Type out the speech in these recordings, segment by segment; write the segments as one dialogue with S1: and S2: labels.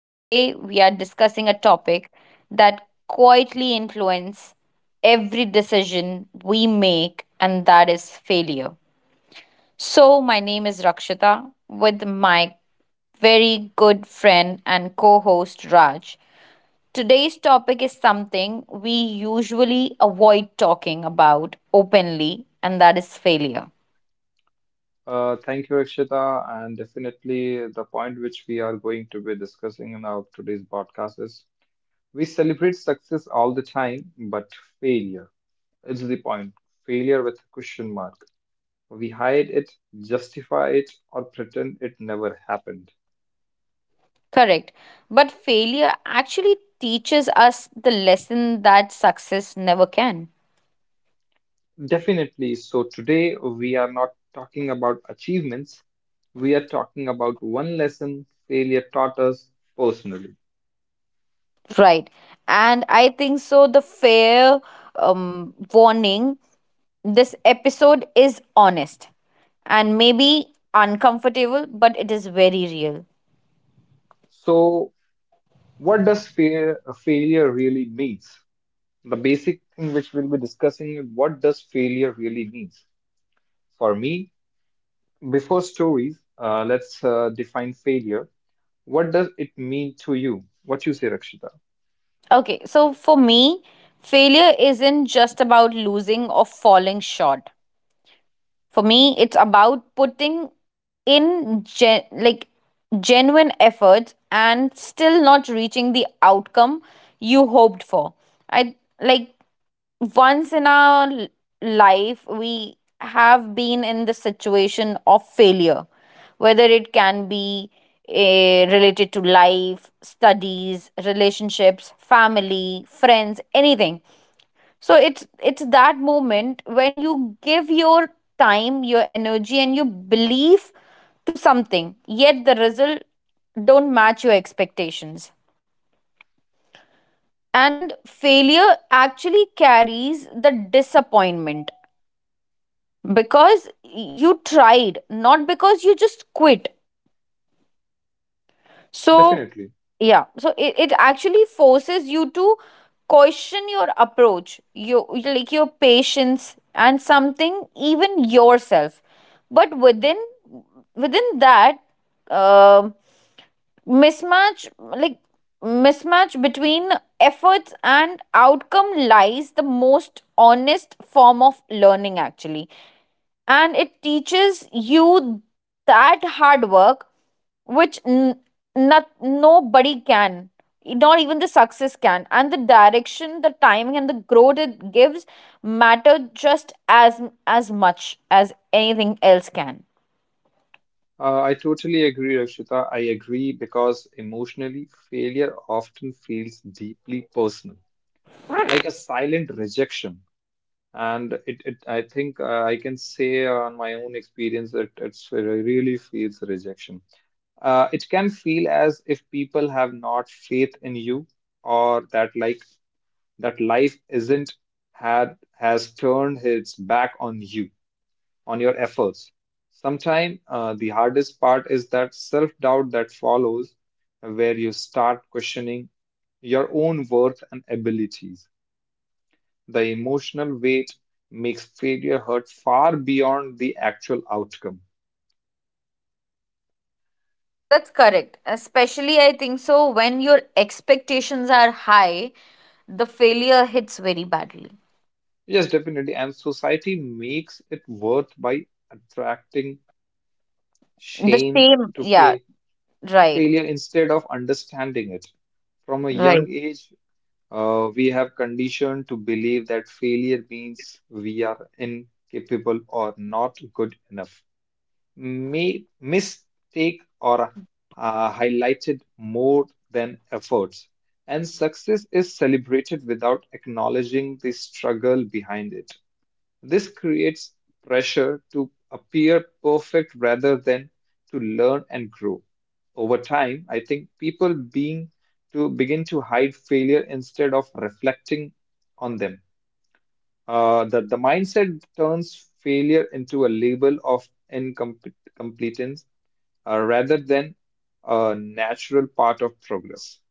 S1: Today we are discussing a topic that quietly influences every decision we make, and that is failure. So my name is Rakshita, with my very good friend and co-host Raj. Today's topic is something we usually avoid talking about openly, and that is failure.
S2: Thank you, Rakshita. And definitely, the point which we are going to be discussing in our today's podcast is we celebrate success all the time, but failure is the point. Failure with a question mark. We hide it, justify it, or pretend it never happened.
S1: Correct. But failure actually teaches us the lesson that success never can.
S2: Definitely. So, today we are not talking about achievements, we are talking about one lesson failure taught us personally.
S1: Right. And I think so. The fair warning, this episode is honest and maybe uncomfortable, but it is very real.
S2: So, what does failure really means? The basic thing which we'll be discussing is what does failure really means for me before stories, let's define failure, what does it mean to you, what you say, Rakshita?
S1: Okay. So for me, failure isn't just about losing or falling short. For me, it's about putting in genuine efforts and still not reaching the outcome you hoped for. I like once in life we have been in the situation of failure, whether it can be related to life, studies, relationships, family, friends, anything. So it's that moment when you give your time, your energy and your belief to something, yet the result don't match your expectations. And failure actually carries the disappointment because you tried, not because you just quit. So
S2: Definitely.
S1: yeah, so it actually forces you to question your approach, your like your patience, and something even yourself. But within that, um mismatch, like mismatch between efforts and outcome lies the most honest form of learning actually. And it teaches you that hard work, which n- not nobody can, not even the success can, and the direction, the timing and the growth it gives matter just as much as anything else can.
S2: I totally agree, Rakshita, I agree because emotionally failure often feels deeply personal, like a silent rejection. And it I think I can say on my own experience that it's really feels rejection. It can feel as if people have not faith in you or that life isn't had has turned its back on you, on your efforts. Sometimes the hardest part is that self-doubt that follows, where you start questioning your own worth and abilities. The emotional weight makes failure hurt far beyond the actual outcome.
S1: That's correct. Especially, I think so, when your expectations are high, the failure hits very badly.
S2: Yes, definitely. And society makes it worth by attracting
S1: The
S2: shame
S1: same,
S2: to
S1: yeah,
S2: fail,
S1: right,
S2: failure instead of understanding it. From a young
S1: right.
S2: age, we have conditioned to believe that failure means we are incapable or not good enough. Made mistake or highlighted more than efforts, and success is celebrated without acknowledging the struggle behind it. This creates pressure to appear perfect rather than to learn and grow. Over time, I think people being to begin to hide failure instead of reflecting on them. The mindset turns failure into a label of incompetence rather than a natural part of progress.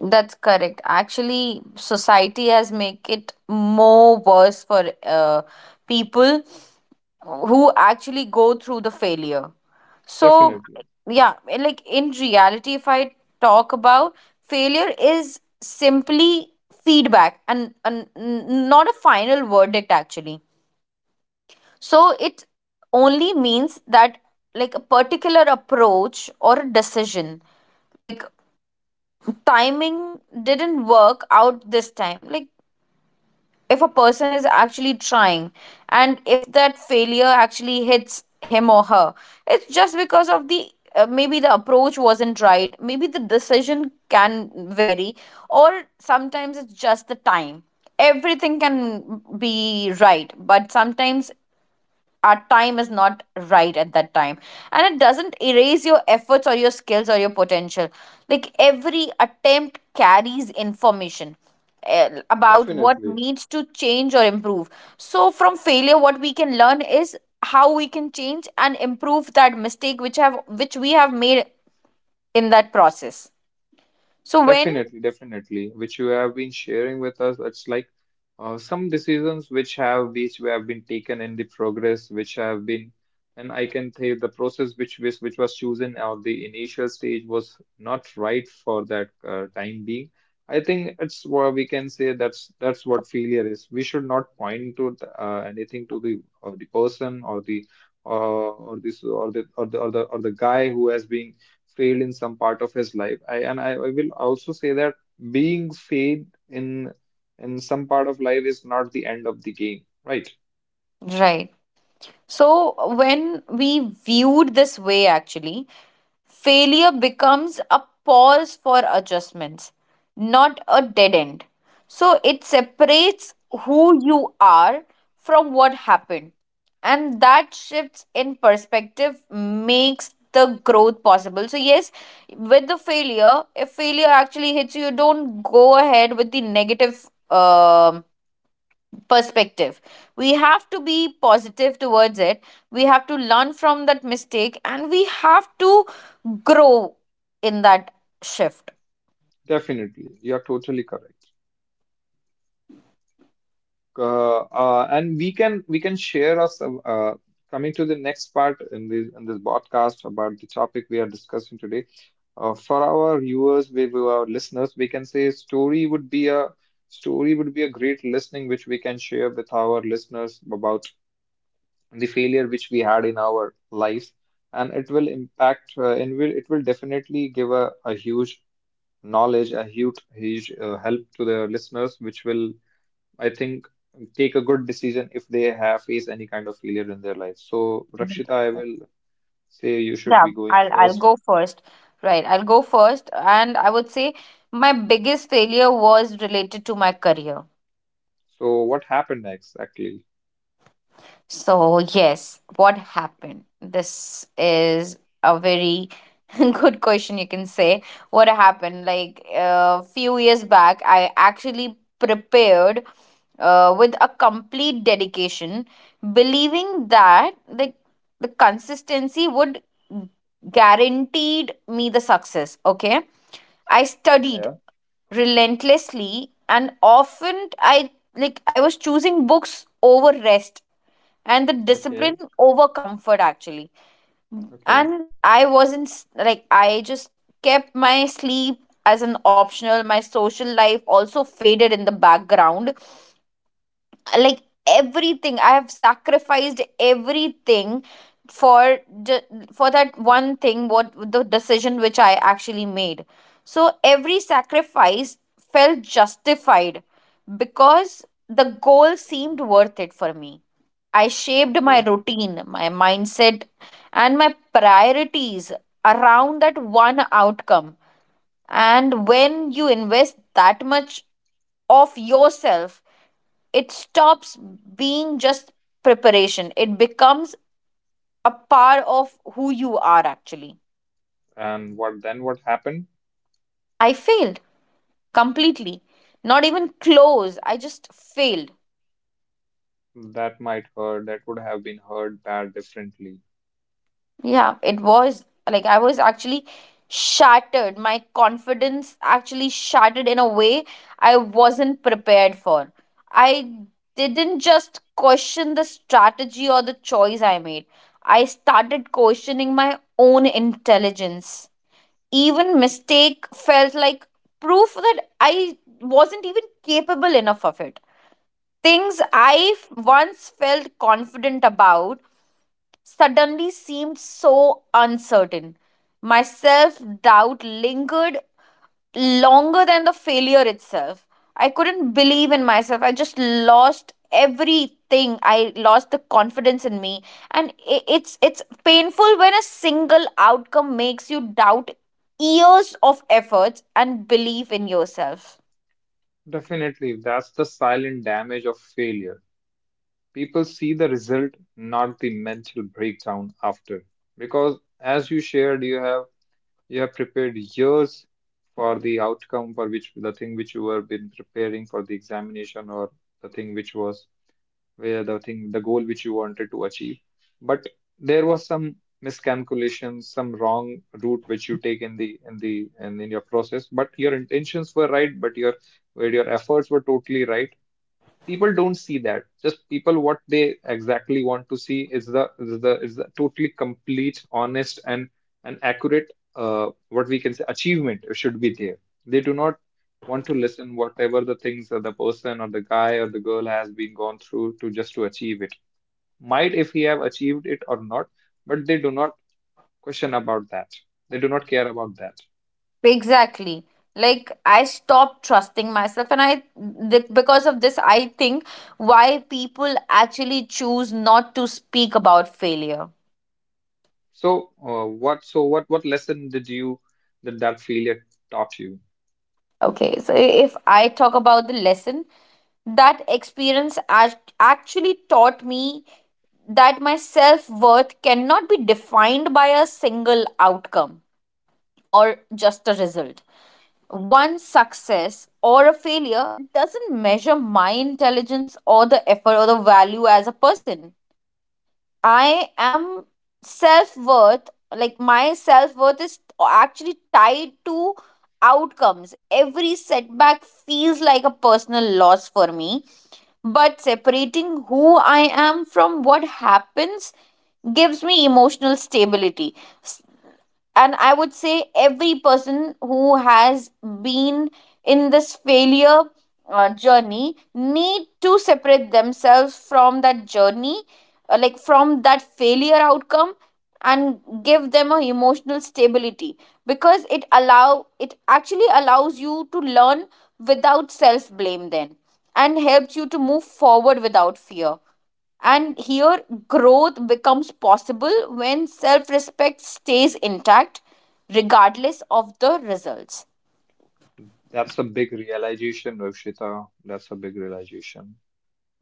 S1: That's correct. Actually, society has make it more worse for people who actually go through the failure. So
S2: Definitely,
S1: yeah, like in reality, if I talk about, failure is simply feedback and not a final verdict actually. So it only means that like a particular approach or a decision, like timing didn't work out this time. Like if a person is actually trying, and if that failure actually hits him or her, it's just because of the maybe the approach wasn't right, maybe the decision can vary, or sometimes it's just the time. Everything can be right, but sometimes our time is not right at that time. And it doesn't erase your efforts or your skills or your potential. Like every attempt carries information about what
S2: definitely.
S1: needs to change or improve. So from failure, what we can learn is how we can change and improve that mistake which have which we have made in that process. So when
S2: Which you have been sharing with us. It's like some decisions which have been taken in the progress, which have been, and I can say the process which was chosen at the initial stage was not right for that time being. I think it's what we can say, that's what failure is. We should not point to the, anything to the or the person or the or this or the or the or the or the guy who has been failed in some part of his life. I and I will also say that being failed in some part of life is not the end of the game, right?
S1: right, so when we viewed this way actually, failure becomes a pause for adjustments, not a dead end. So it separates who you are from what happened. And that shifts in perspective makes the growth possible. So yes, with the failure, if failure actually hits you, you don't go ahead with the negative um perspective. We have to be positive towards it. We have to learn from that mistake, and we have to grow in that shift.
S2: Definitely, you are totally correct. And we can share us, coming to the next part in this podcast about the topic we are discussing today. For our viewers, our listeners, we can say story would be a great listening which we can share with our listeners about the failure which we had in our lives, and it will impact, and will it will definitely give a huge knowledge, a huge help to the listeners which will, I think, take a good decision if they have faced any kind of failure in their life. So Rakshita, I will say you should
S1: Yeah,
S2: be going
S1: I'll
S2: first.
S1: go first, right, I'll go first. And I would say my biggest failure was related to my career.
S2: So what happened next actually?
S1: So yes, what happened? This is a very good question, you can say. What happened? Like a few years back, I actually prepared with a complete dedication, believing that the consistency would guaranteed me the success. Okay, I studied
S2: Yeah.
S1: relentlessly, and often I like I was choosing books over rest and the
S2: Okay.
S1: discipline over comfort actually.
S2: okay
S1: And I wasn't s- like I just kept my sleep as an optional, my social life also faded in the background. Like everything, I have sacrificed everything for ju- for that one thing, what the decision which I actually made. So every sacrifice felt justified because the goal seemed worth it for me. I shaped my
S2: okay
S1: routine, my mindset and my priorities around that one outcome. And when you invest that much of yourself, it stops being just preparation. It becomes a part of who you are actually.
S2: and what then what happened?
S1: I failed completely. Not even close. I just failed.
S2: That might hurt, that would have been heard bad differently.
S1: Yeah, it was like I was actually shattered. My confidence actually shattered in a way I wasn't prepared for. I didn't just question the strategy or the choice I made, I started questioning my own intelligence. Even mistake felt like proof that I wasn't even capable enough of it. Things I once felt confident about suddenly seemed so uncertain. My self doubt lingered longer than the failure itself. I couldn't believe in myself. I just lost everything. I lost the confidence in me, and it's painful when a single outcome makes you doubt years of efforts and belief in yourself.
S2: Definitely, that's the silent damage of failure. People see the result, not the mental breakdown after. Because as you shared, you have prepared years for the outcome, for which the thing which you were been preparing for the examination or the thing which was where the thing the goal which you wanted to achieve. But there was some miscalculation, some wrong route which you take in the in your process. But your intentions were right, but your where your efforts were totally right, people don't see that, just people what they exactly want to see is the is the totally complete honest and accurate, what we can say, achievement should be there. They do not want to listen whatever the things that the person or the guy or the girl has been gone through to just to achieve it, might if he have achieved it or not. But they do not question about that, they do not care about that.
S1: Exactly. Like I stopped trusting myself, and because of this, I think why people actually choose not to speak about failure.
S2: So what so what lesson did you that that failure taught you?
S1: Okay, so if I talk about the lesson, that experience actually taught me that my self worth cannot be defined by a single outcome or just a result. One success or a failure doesn't measure my intelligence or the effort or the value as a person. I am self worth, like my self worth is actually tied to outcomes. Every setback feels like a personal loss for me. But separating who I am from what happens gives me emotional stability. And I would say every person who has been in this failure journey need to separate themselves from that journey, like from that failure outcome, and give them a emotional stability, because it allow it actually allows you to learn without self blame then, and helps you to move forward without fear. And here, growth becomes possible when self respect stays intact, regardless of the results.
S2: That's a big realization, Rakshita. That's a big realization.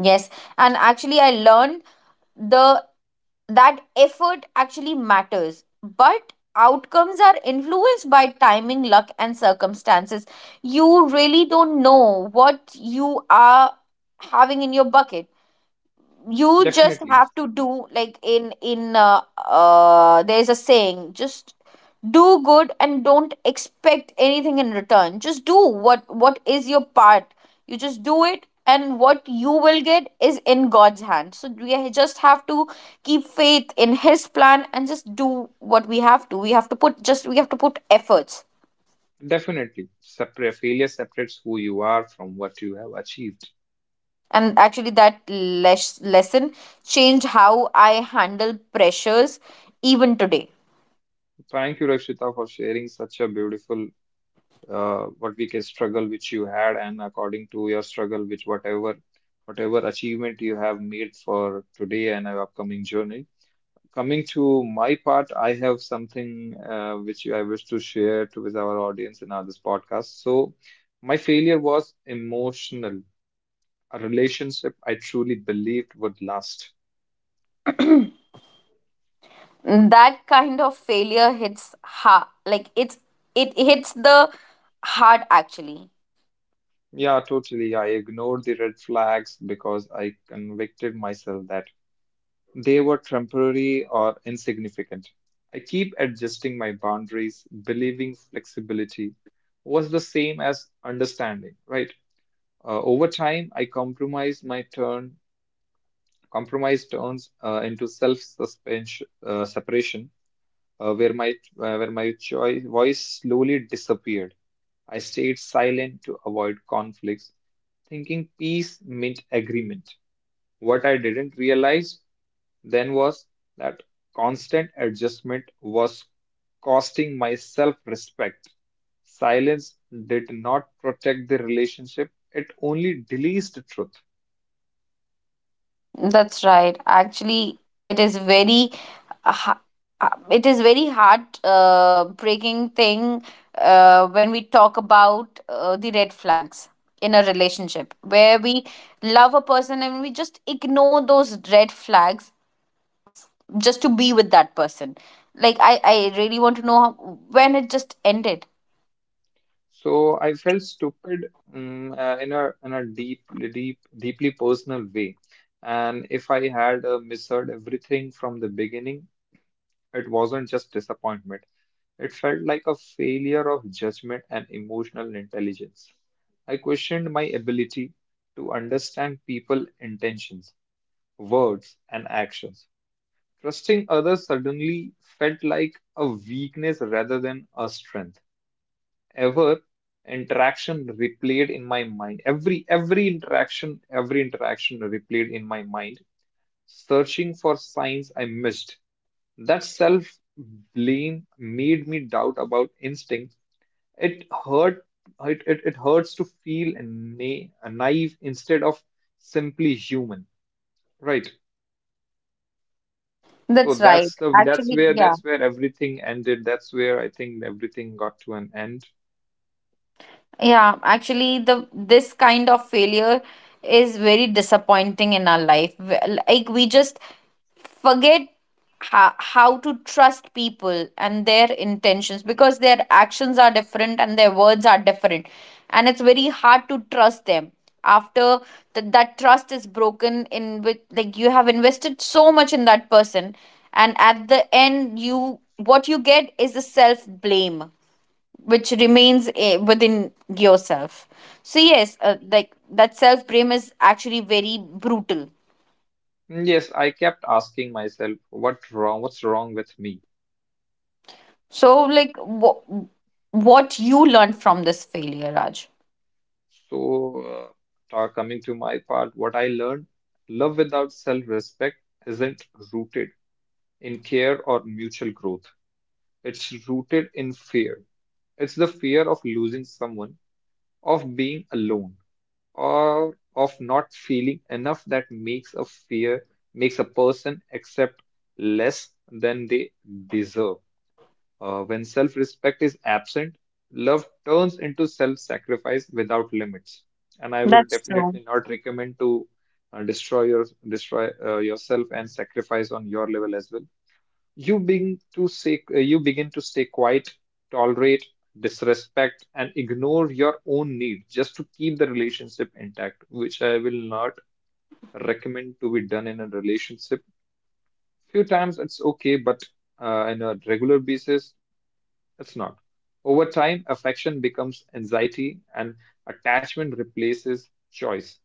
S1: Yes, and actually, I learned the that effort actually matters, but outcomes are influenced by timing, luck, and circumstances. You really don't know what you are having in your bucket. You just
S2: Definitely,
S1: have to do, like in there's a saying, just do good and don't expect anything in return, just do what is your part. You just do it, and what you will get is in God's hand. So we just have to keep faith in his plan and just do what we have to, we have to put just we have to put efforts.
S2: definitely. Separate failure separates who you are from what you have achieved.
S1: And actually that lesson changed how I handle pressures even today.
S2: Thank you, Rakshita, for sharing such a beautiful, what we can, struggle which you had, and according to your struggle, which whatever achievement you have made for today and our upcoming journey. Coming to my part, I have something which I wish to share to with our audience in our this podcast. So, my failure was emotional. A relationship I truly believed would last.
S1: That kind of failure hits, ha like it's it hits the heart actually.
S2: Yeah, totally. I ignored the red flags because I convicted myself that they were temporary or insignificant. I keep adjusting my boundaries, believing flexibility was the same as understanding, right? Over time, I compromised my turn. Compromise turns into self-suspension, separation, where my voice slowly disappeared. I stayed silent to avoid conflicts, thinking peace meant agreement. What I didn't realize then was that constant adjustment was costing my self-respect. Silence did not protect the relationship; it only deletes the truth.
S1: That's right actually. It is very uh, ha- it is very heart breaking thing, when we talk about the red flags in a relationship where we love a person and we just ignore those red flags just to be with that person. Like I really want to know how, when it just ended.
S2: So I felt stupid, in a deep, deeply personal way. And if I had misheard everything from the beginning, it wasn't just disappointment. It felt like a failure of judgment and emotional intelligence. I questioned my ability to understand people's intentions, words, and actions. Trusting others suddenly felt like a weakness rather than a strength. Ever interaction replayed in my mind, every interaction replayed in my mind, searching for signs I missed. That self blame made me doubt about instinct. It hurt. It hurts to feel naive instead of simply human, right? So
S1: That's right.
S2: that's the
S1: Actually, yeah.
S2: that's where everything ended, that's where I think everything got to an end.
S1: Yeah, actually the this kind of failure is very disappointing in our life. W- Like we just forget how to trust people and their intentions, because their actions are different and their words are different, and it's very hard to trust them after that trust is broken in with, like you have invested so much in that person, and at the end you what you get is a self blame which remains within yourself. So yes, like that self blame is actually very brutal.
S2: Mm, yes, I kept asking myself, what wrong, what's wrong with me?
S1: So like what you learned from this failure, Raj?
S2: So, coming to my part, what I learned, love without self-respect isn't rooted in care or mutual growth. It's rooted in fear. It's the fear of losing someone, of being alone, or of not feeling enough that makes a fear, makes a person accept less than they deserve. When self respect is absent, love turns into self sacrifice without limits. And I will
S1: That's true.
S2: definitely not recommend to destroy your destroy yourself and sacrifice on your level as well. You begin to say, you begin to stay quiet, tolerate disrespect, and ignore your own need just to keep the relationship intact, which I will not recommend to be done in a relationship. Few times it's okay, but on a regular basis it's not. Over time, affection becomes anxiety and attachment replaces choice.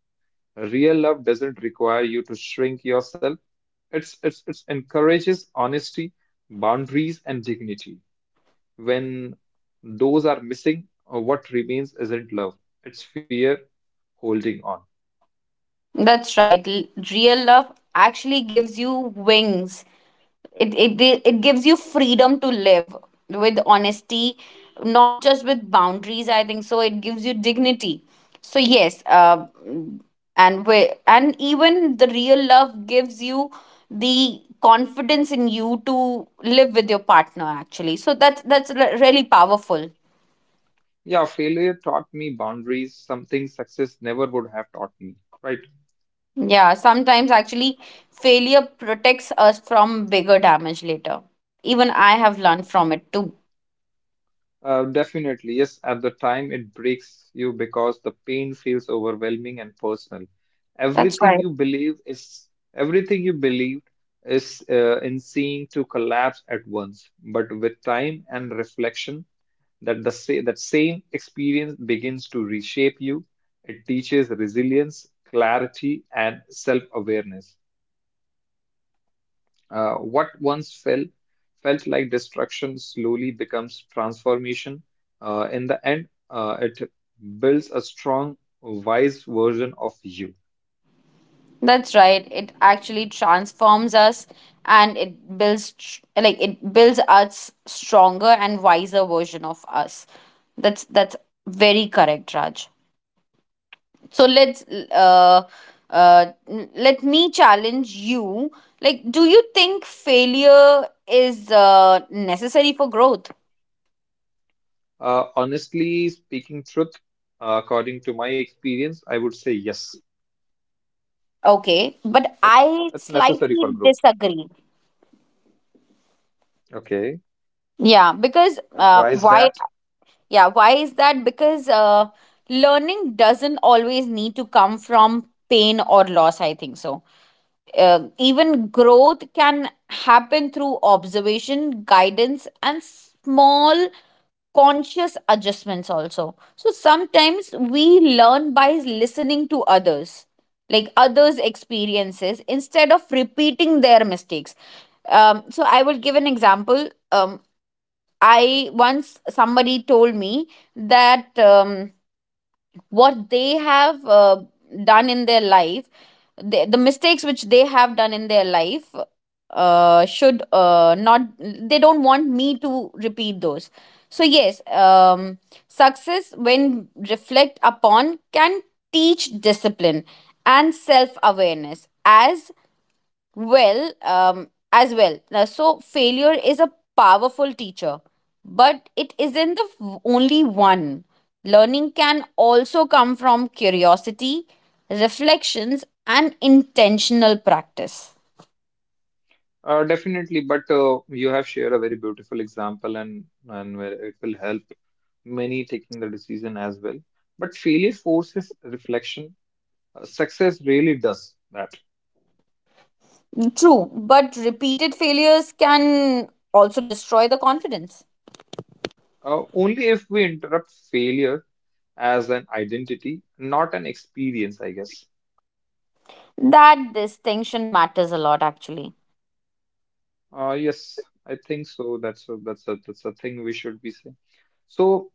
S2: Real love doesn't require you to shrink yourself. It encourages honesty, boundaries, and dignity. When those are missing, what remains isn't love, it's fear holding on.
S1: That's right. L- Real love actually gives you wings. It gives you freedom to live with honesty, not just with boundaries. I think so, it gives you dignity. So yes and we, and even the real love gives you the confidence in you to live with your partner actually. So that's really powerful.
S2: Yeah, failure taught me boundaries, something success never would have taught me, right?
S1: Yeah, sometimes actually failure protects us from bigger damage later. Even I have learned from it too.
S2: Definitely, yes. At the time, it breaks you because the pain feels overwhelming and personal.
S1: That's
S2: Everything
S1: right.
S2: you believe is everything you believed is in seem to collapse at once. But with time and reflection, that that same experience begins to reshape you. It teaches resilience, clarity, and self-awareness. What once fell felt like destruction slowly becomes transformation. In the end, it builds a strong, wise version of you.
S1: That's right. It actually transforms us, and it builds it builds us stronger and wiser version of us. That's very correct, Raj. So let's uh let me challenge you. Like do you think failure is necessary for growth?
S2: Honestly speaking, truth, according to my experience, I would say yes.
S1: Okay, but I
S2: It's necessary for
S1: slightly
S2: growth.
S1: disagree.
S2: Okay,
S1: Yeah, because
S2: and why is
S1: why.
S2: that?
S1: Yeah, why is that? Because learning doesn't always need to come from pain or loss, I think so. Even growth can happen through observation, guidance, and small conscious adjustments, also. So sometimes we learn by listening to others, like others' experiences, instead of repeating their mistakes. So I will give an example. I once somebody told me that what they have done in their life, the mistakes which they have done in their life, should not, they don't want me to repeat those. So yes, success, when reflect upon, can teach discipline and self awareness as well as well. Now, so failure is a powerful teacher, but it isn't the only one. Learning can also come from curiosity, reflections, and intentional practice.
S2: Definitely, but you have shared a very beautiful example, and where it will help many taking the decision as well. But failure forces reflection. Success really does that.
S1: True, but repeated failures can also destroy the confidence.
S2: Only if we interrupt failure as an identity, not an experience, I guess.
S1: That distinction matters a lot, actually.
S2: Yes, I think so. That's a, that's a thing we should be saying. So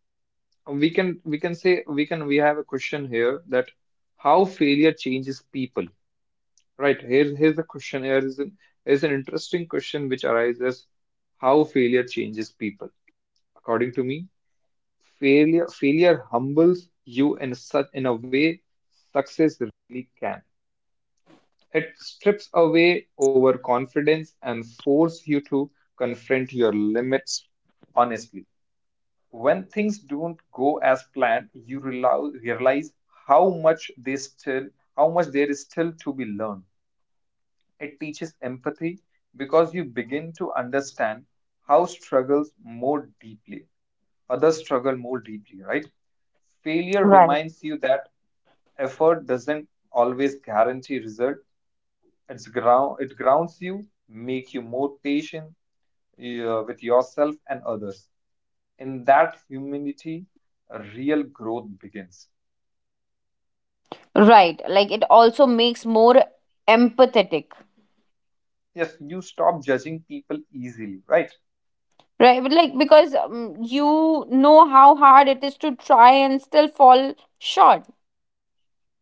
S2: we can say we can we have a question here that how failure changes people, right? Here's a question. Here is an interesting question which arises: how failure changes people. According to me, failure humbles you in such in a way success really can. It strips away overconfidence and force you to confront your limits honestly. When things don't go as planned, you realize how much they still, how much there is still to be learned. It teaches empathy because you begin to understand how struggles more deeply, others struggle more deeply, right? Failure
S1: Right.
S2: reminds you that effort doesn't always guarantee result. It grounds you, make you more patient with yourself and others. In that humility, real growth begins.
S1: Right, like it also makes more empathetic.
S2: Yes, you stop judging people easily, right?
S1: Right, but like because you know how hard it is to try and still fall short.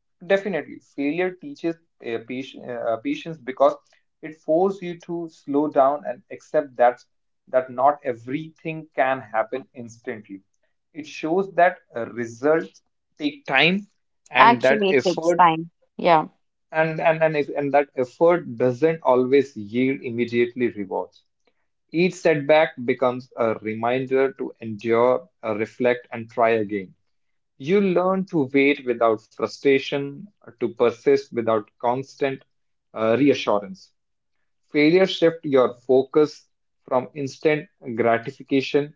S2: Definitely, failure teaches patience, because it forces you to slow down and accept that not everything can happen instantly. It shows that results take time and that
S1: Actually, it takes
S2: effort
S1: time. Yeah,
S2: and that effort doesn't always yield immediately rewards. Each setback becomes a reminder to endure, reflect, and try again. You learn to wait without frustration, to persist without constant reassurance. Failure shift your focus from instant gratification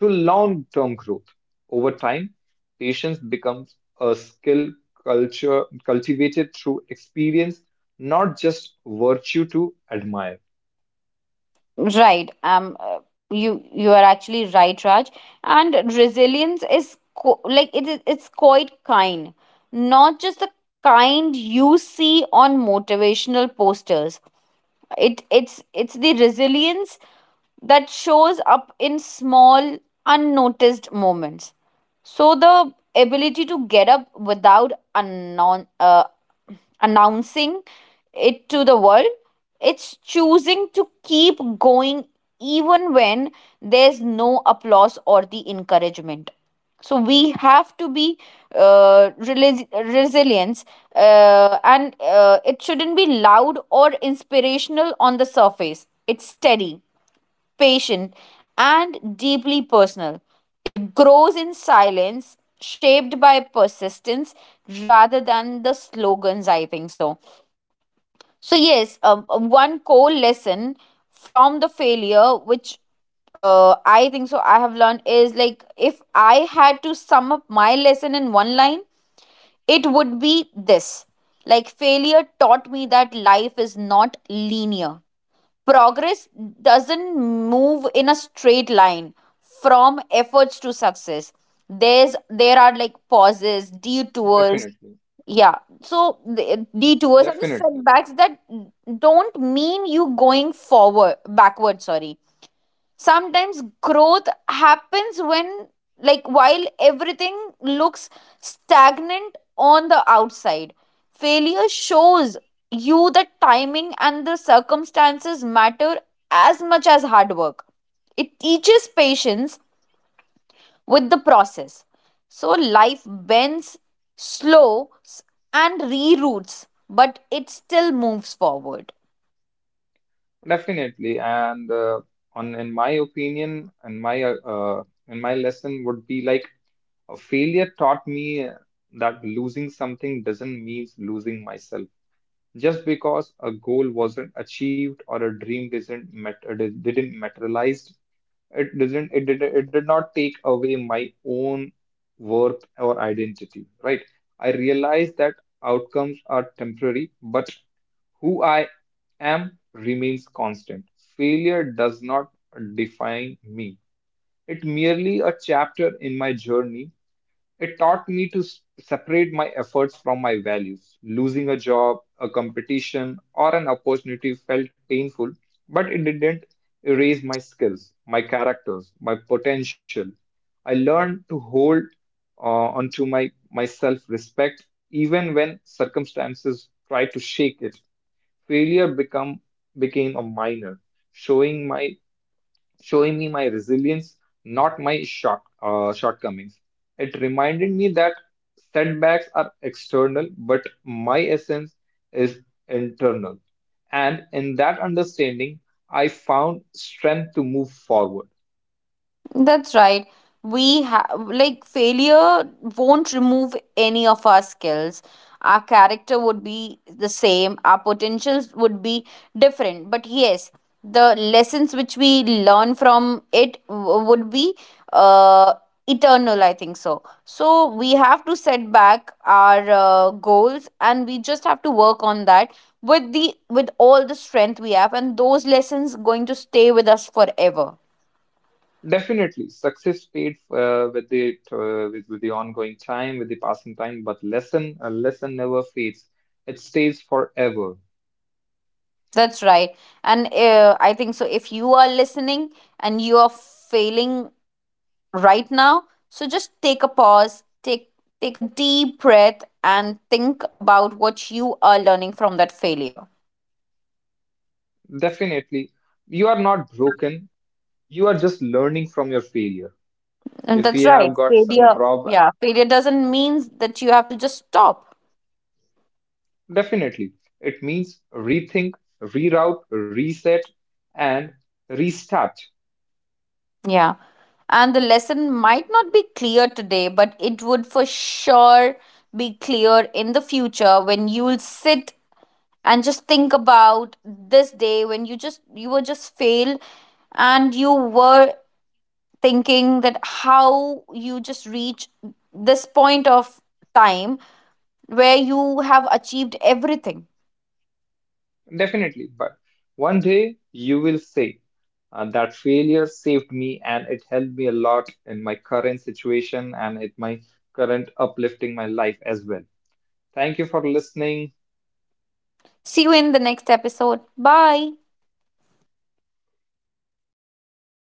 S2: to long-term growth. Over time, patience becomes a skill culture cultivated through experience, not just virtue to admire.
S1: right. You you are actually right, Raj. And resilience is it is it's quite kind, not just the kind you see on motivational posters, it's the resilience that shows up in small unnoticed moments. So the ability to get up without announcing it to the world. It's choosing to keep going even when there's no applause or the encouragement. So we have to be resilience, and it shouldn't be loud or inspirational on the surface. It's steady, patient, and deeply personal. It grows in silence, shaped by persistence rather than the slogans, I think so. So yes, one core lesson from the failure, which I think so, I have learned is, like if I had to sum up my lesson in one line, it would be this: like failure taught me that life is not linear. Progress doesn't move in a straight line from efforts to success. There's there are like pauses, detours.
S2: Definitely,
S1: Yeah, so the detours and the
S2: definitely.
S1: setbacks that don't mean you going forward backward. Sorry, sometimes growth happens when like while everything looks stagnant on the outside, failure shows you that timing and the circumstances matter as much as hard work. It teaches patience with the process. So life bends, slows and reroutes, but it still moves forward.
S2: Definitely, and on in my opinion, and my lesson would be like a failure taught me that losing something doesn't mean losing myself. Just because a goal wasn't achieved or a dream didn't didn't materialize, it doesn't, it did not take away my own worth or identity, right? I realized that outcomes are temporary, but who I am remains constant. Failure does not define me. It merely a chapter in my journey. It taught me to separate my efforts from my values. Losing a job, a competition, or an opportunity felt painful, but it didn't erase my skills, my characters, my potential. I learned to hold onto my self respect even when circumstances try to shake it. Failure become, became a minor, showing my showing me my resilience, not my short, shortcomings. It reminded me that setbacks are external, but my essence is internal. And in that understanding, I found strength to move forward.
S1: That's right. We have, like, failure won't remove any of our skills. Our character would be the same, our potentials would be different. But yes, the lessons which we learn from it would be uh, eternal, I think so. So we have to set back our goals, and we just have to work on that with the with all the strength we have, and those lessons going to stay with us forever.
S2: Definitely, success paid with the with the ongoing time, with the passing time, but lesson a lesson never fades. It stays forever.
S1: That's right. And I think so. If you are listening and you are failing right now, so just take a pause, take a deep breath, and think about what you are learning from that failure.
S2: Definitely, you are not broken. You are just learning from your failure.
S1: And
S2: If we
S1: that's right.
S2: have got some
S1: Failure,
S2: drawback,
S1: yeah, failure doesn't mean that you have to just stop.
S2: definitely, it means rethink, reroute, reset, and restart.
S1: Yeah. And the lesson might not be clear today, but it would for sure be clear in the future when you'll sit and just think about this day when you just you were just failed, and you were thinking that how you just reach this point of time where you have achieved everything.
S2: Definitely. But one day you will say, that failure saved me and it helped me a lot in my current situation and in my current uplifting my life as well. Thank you for listening.
S1: See you in the next episode. Bye.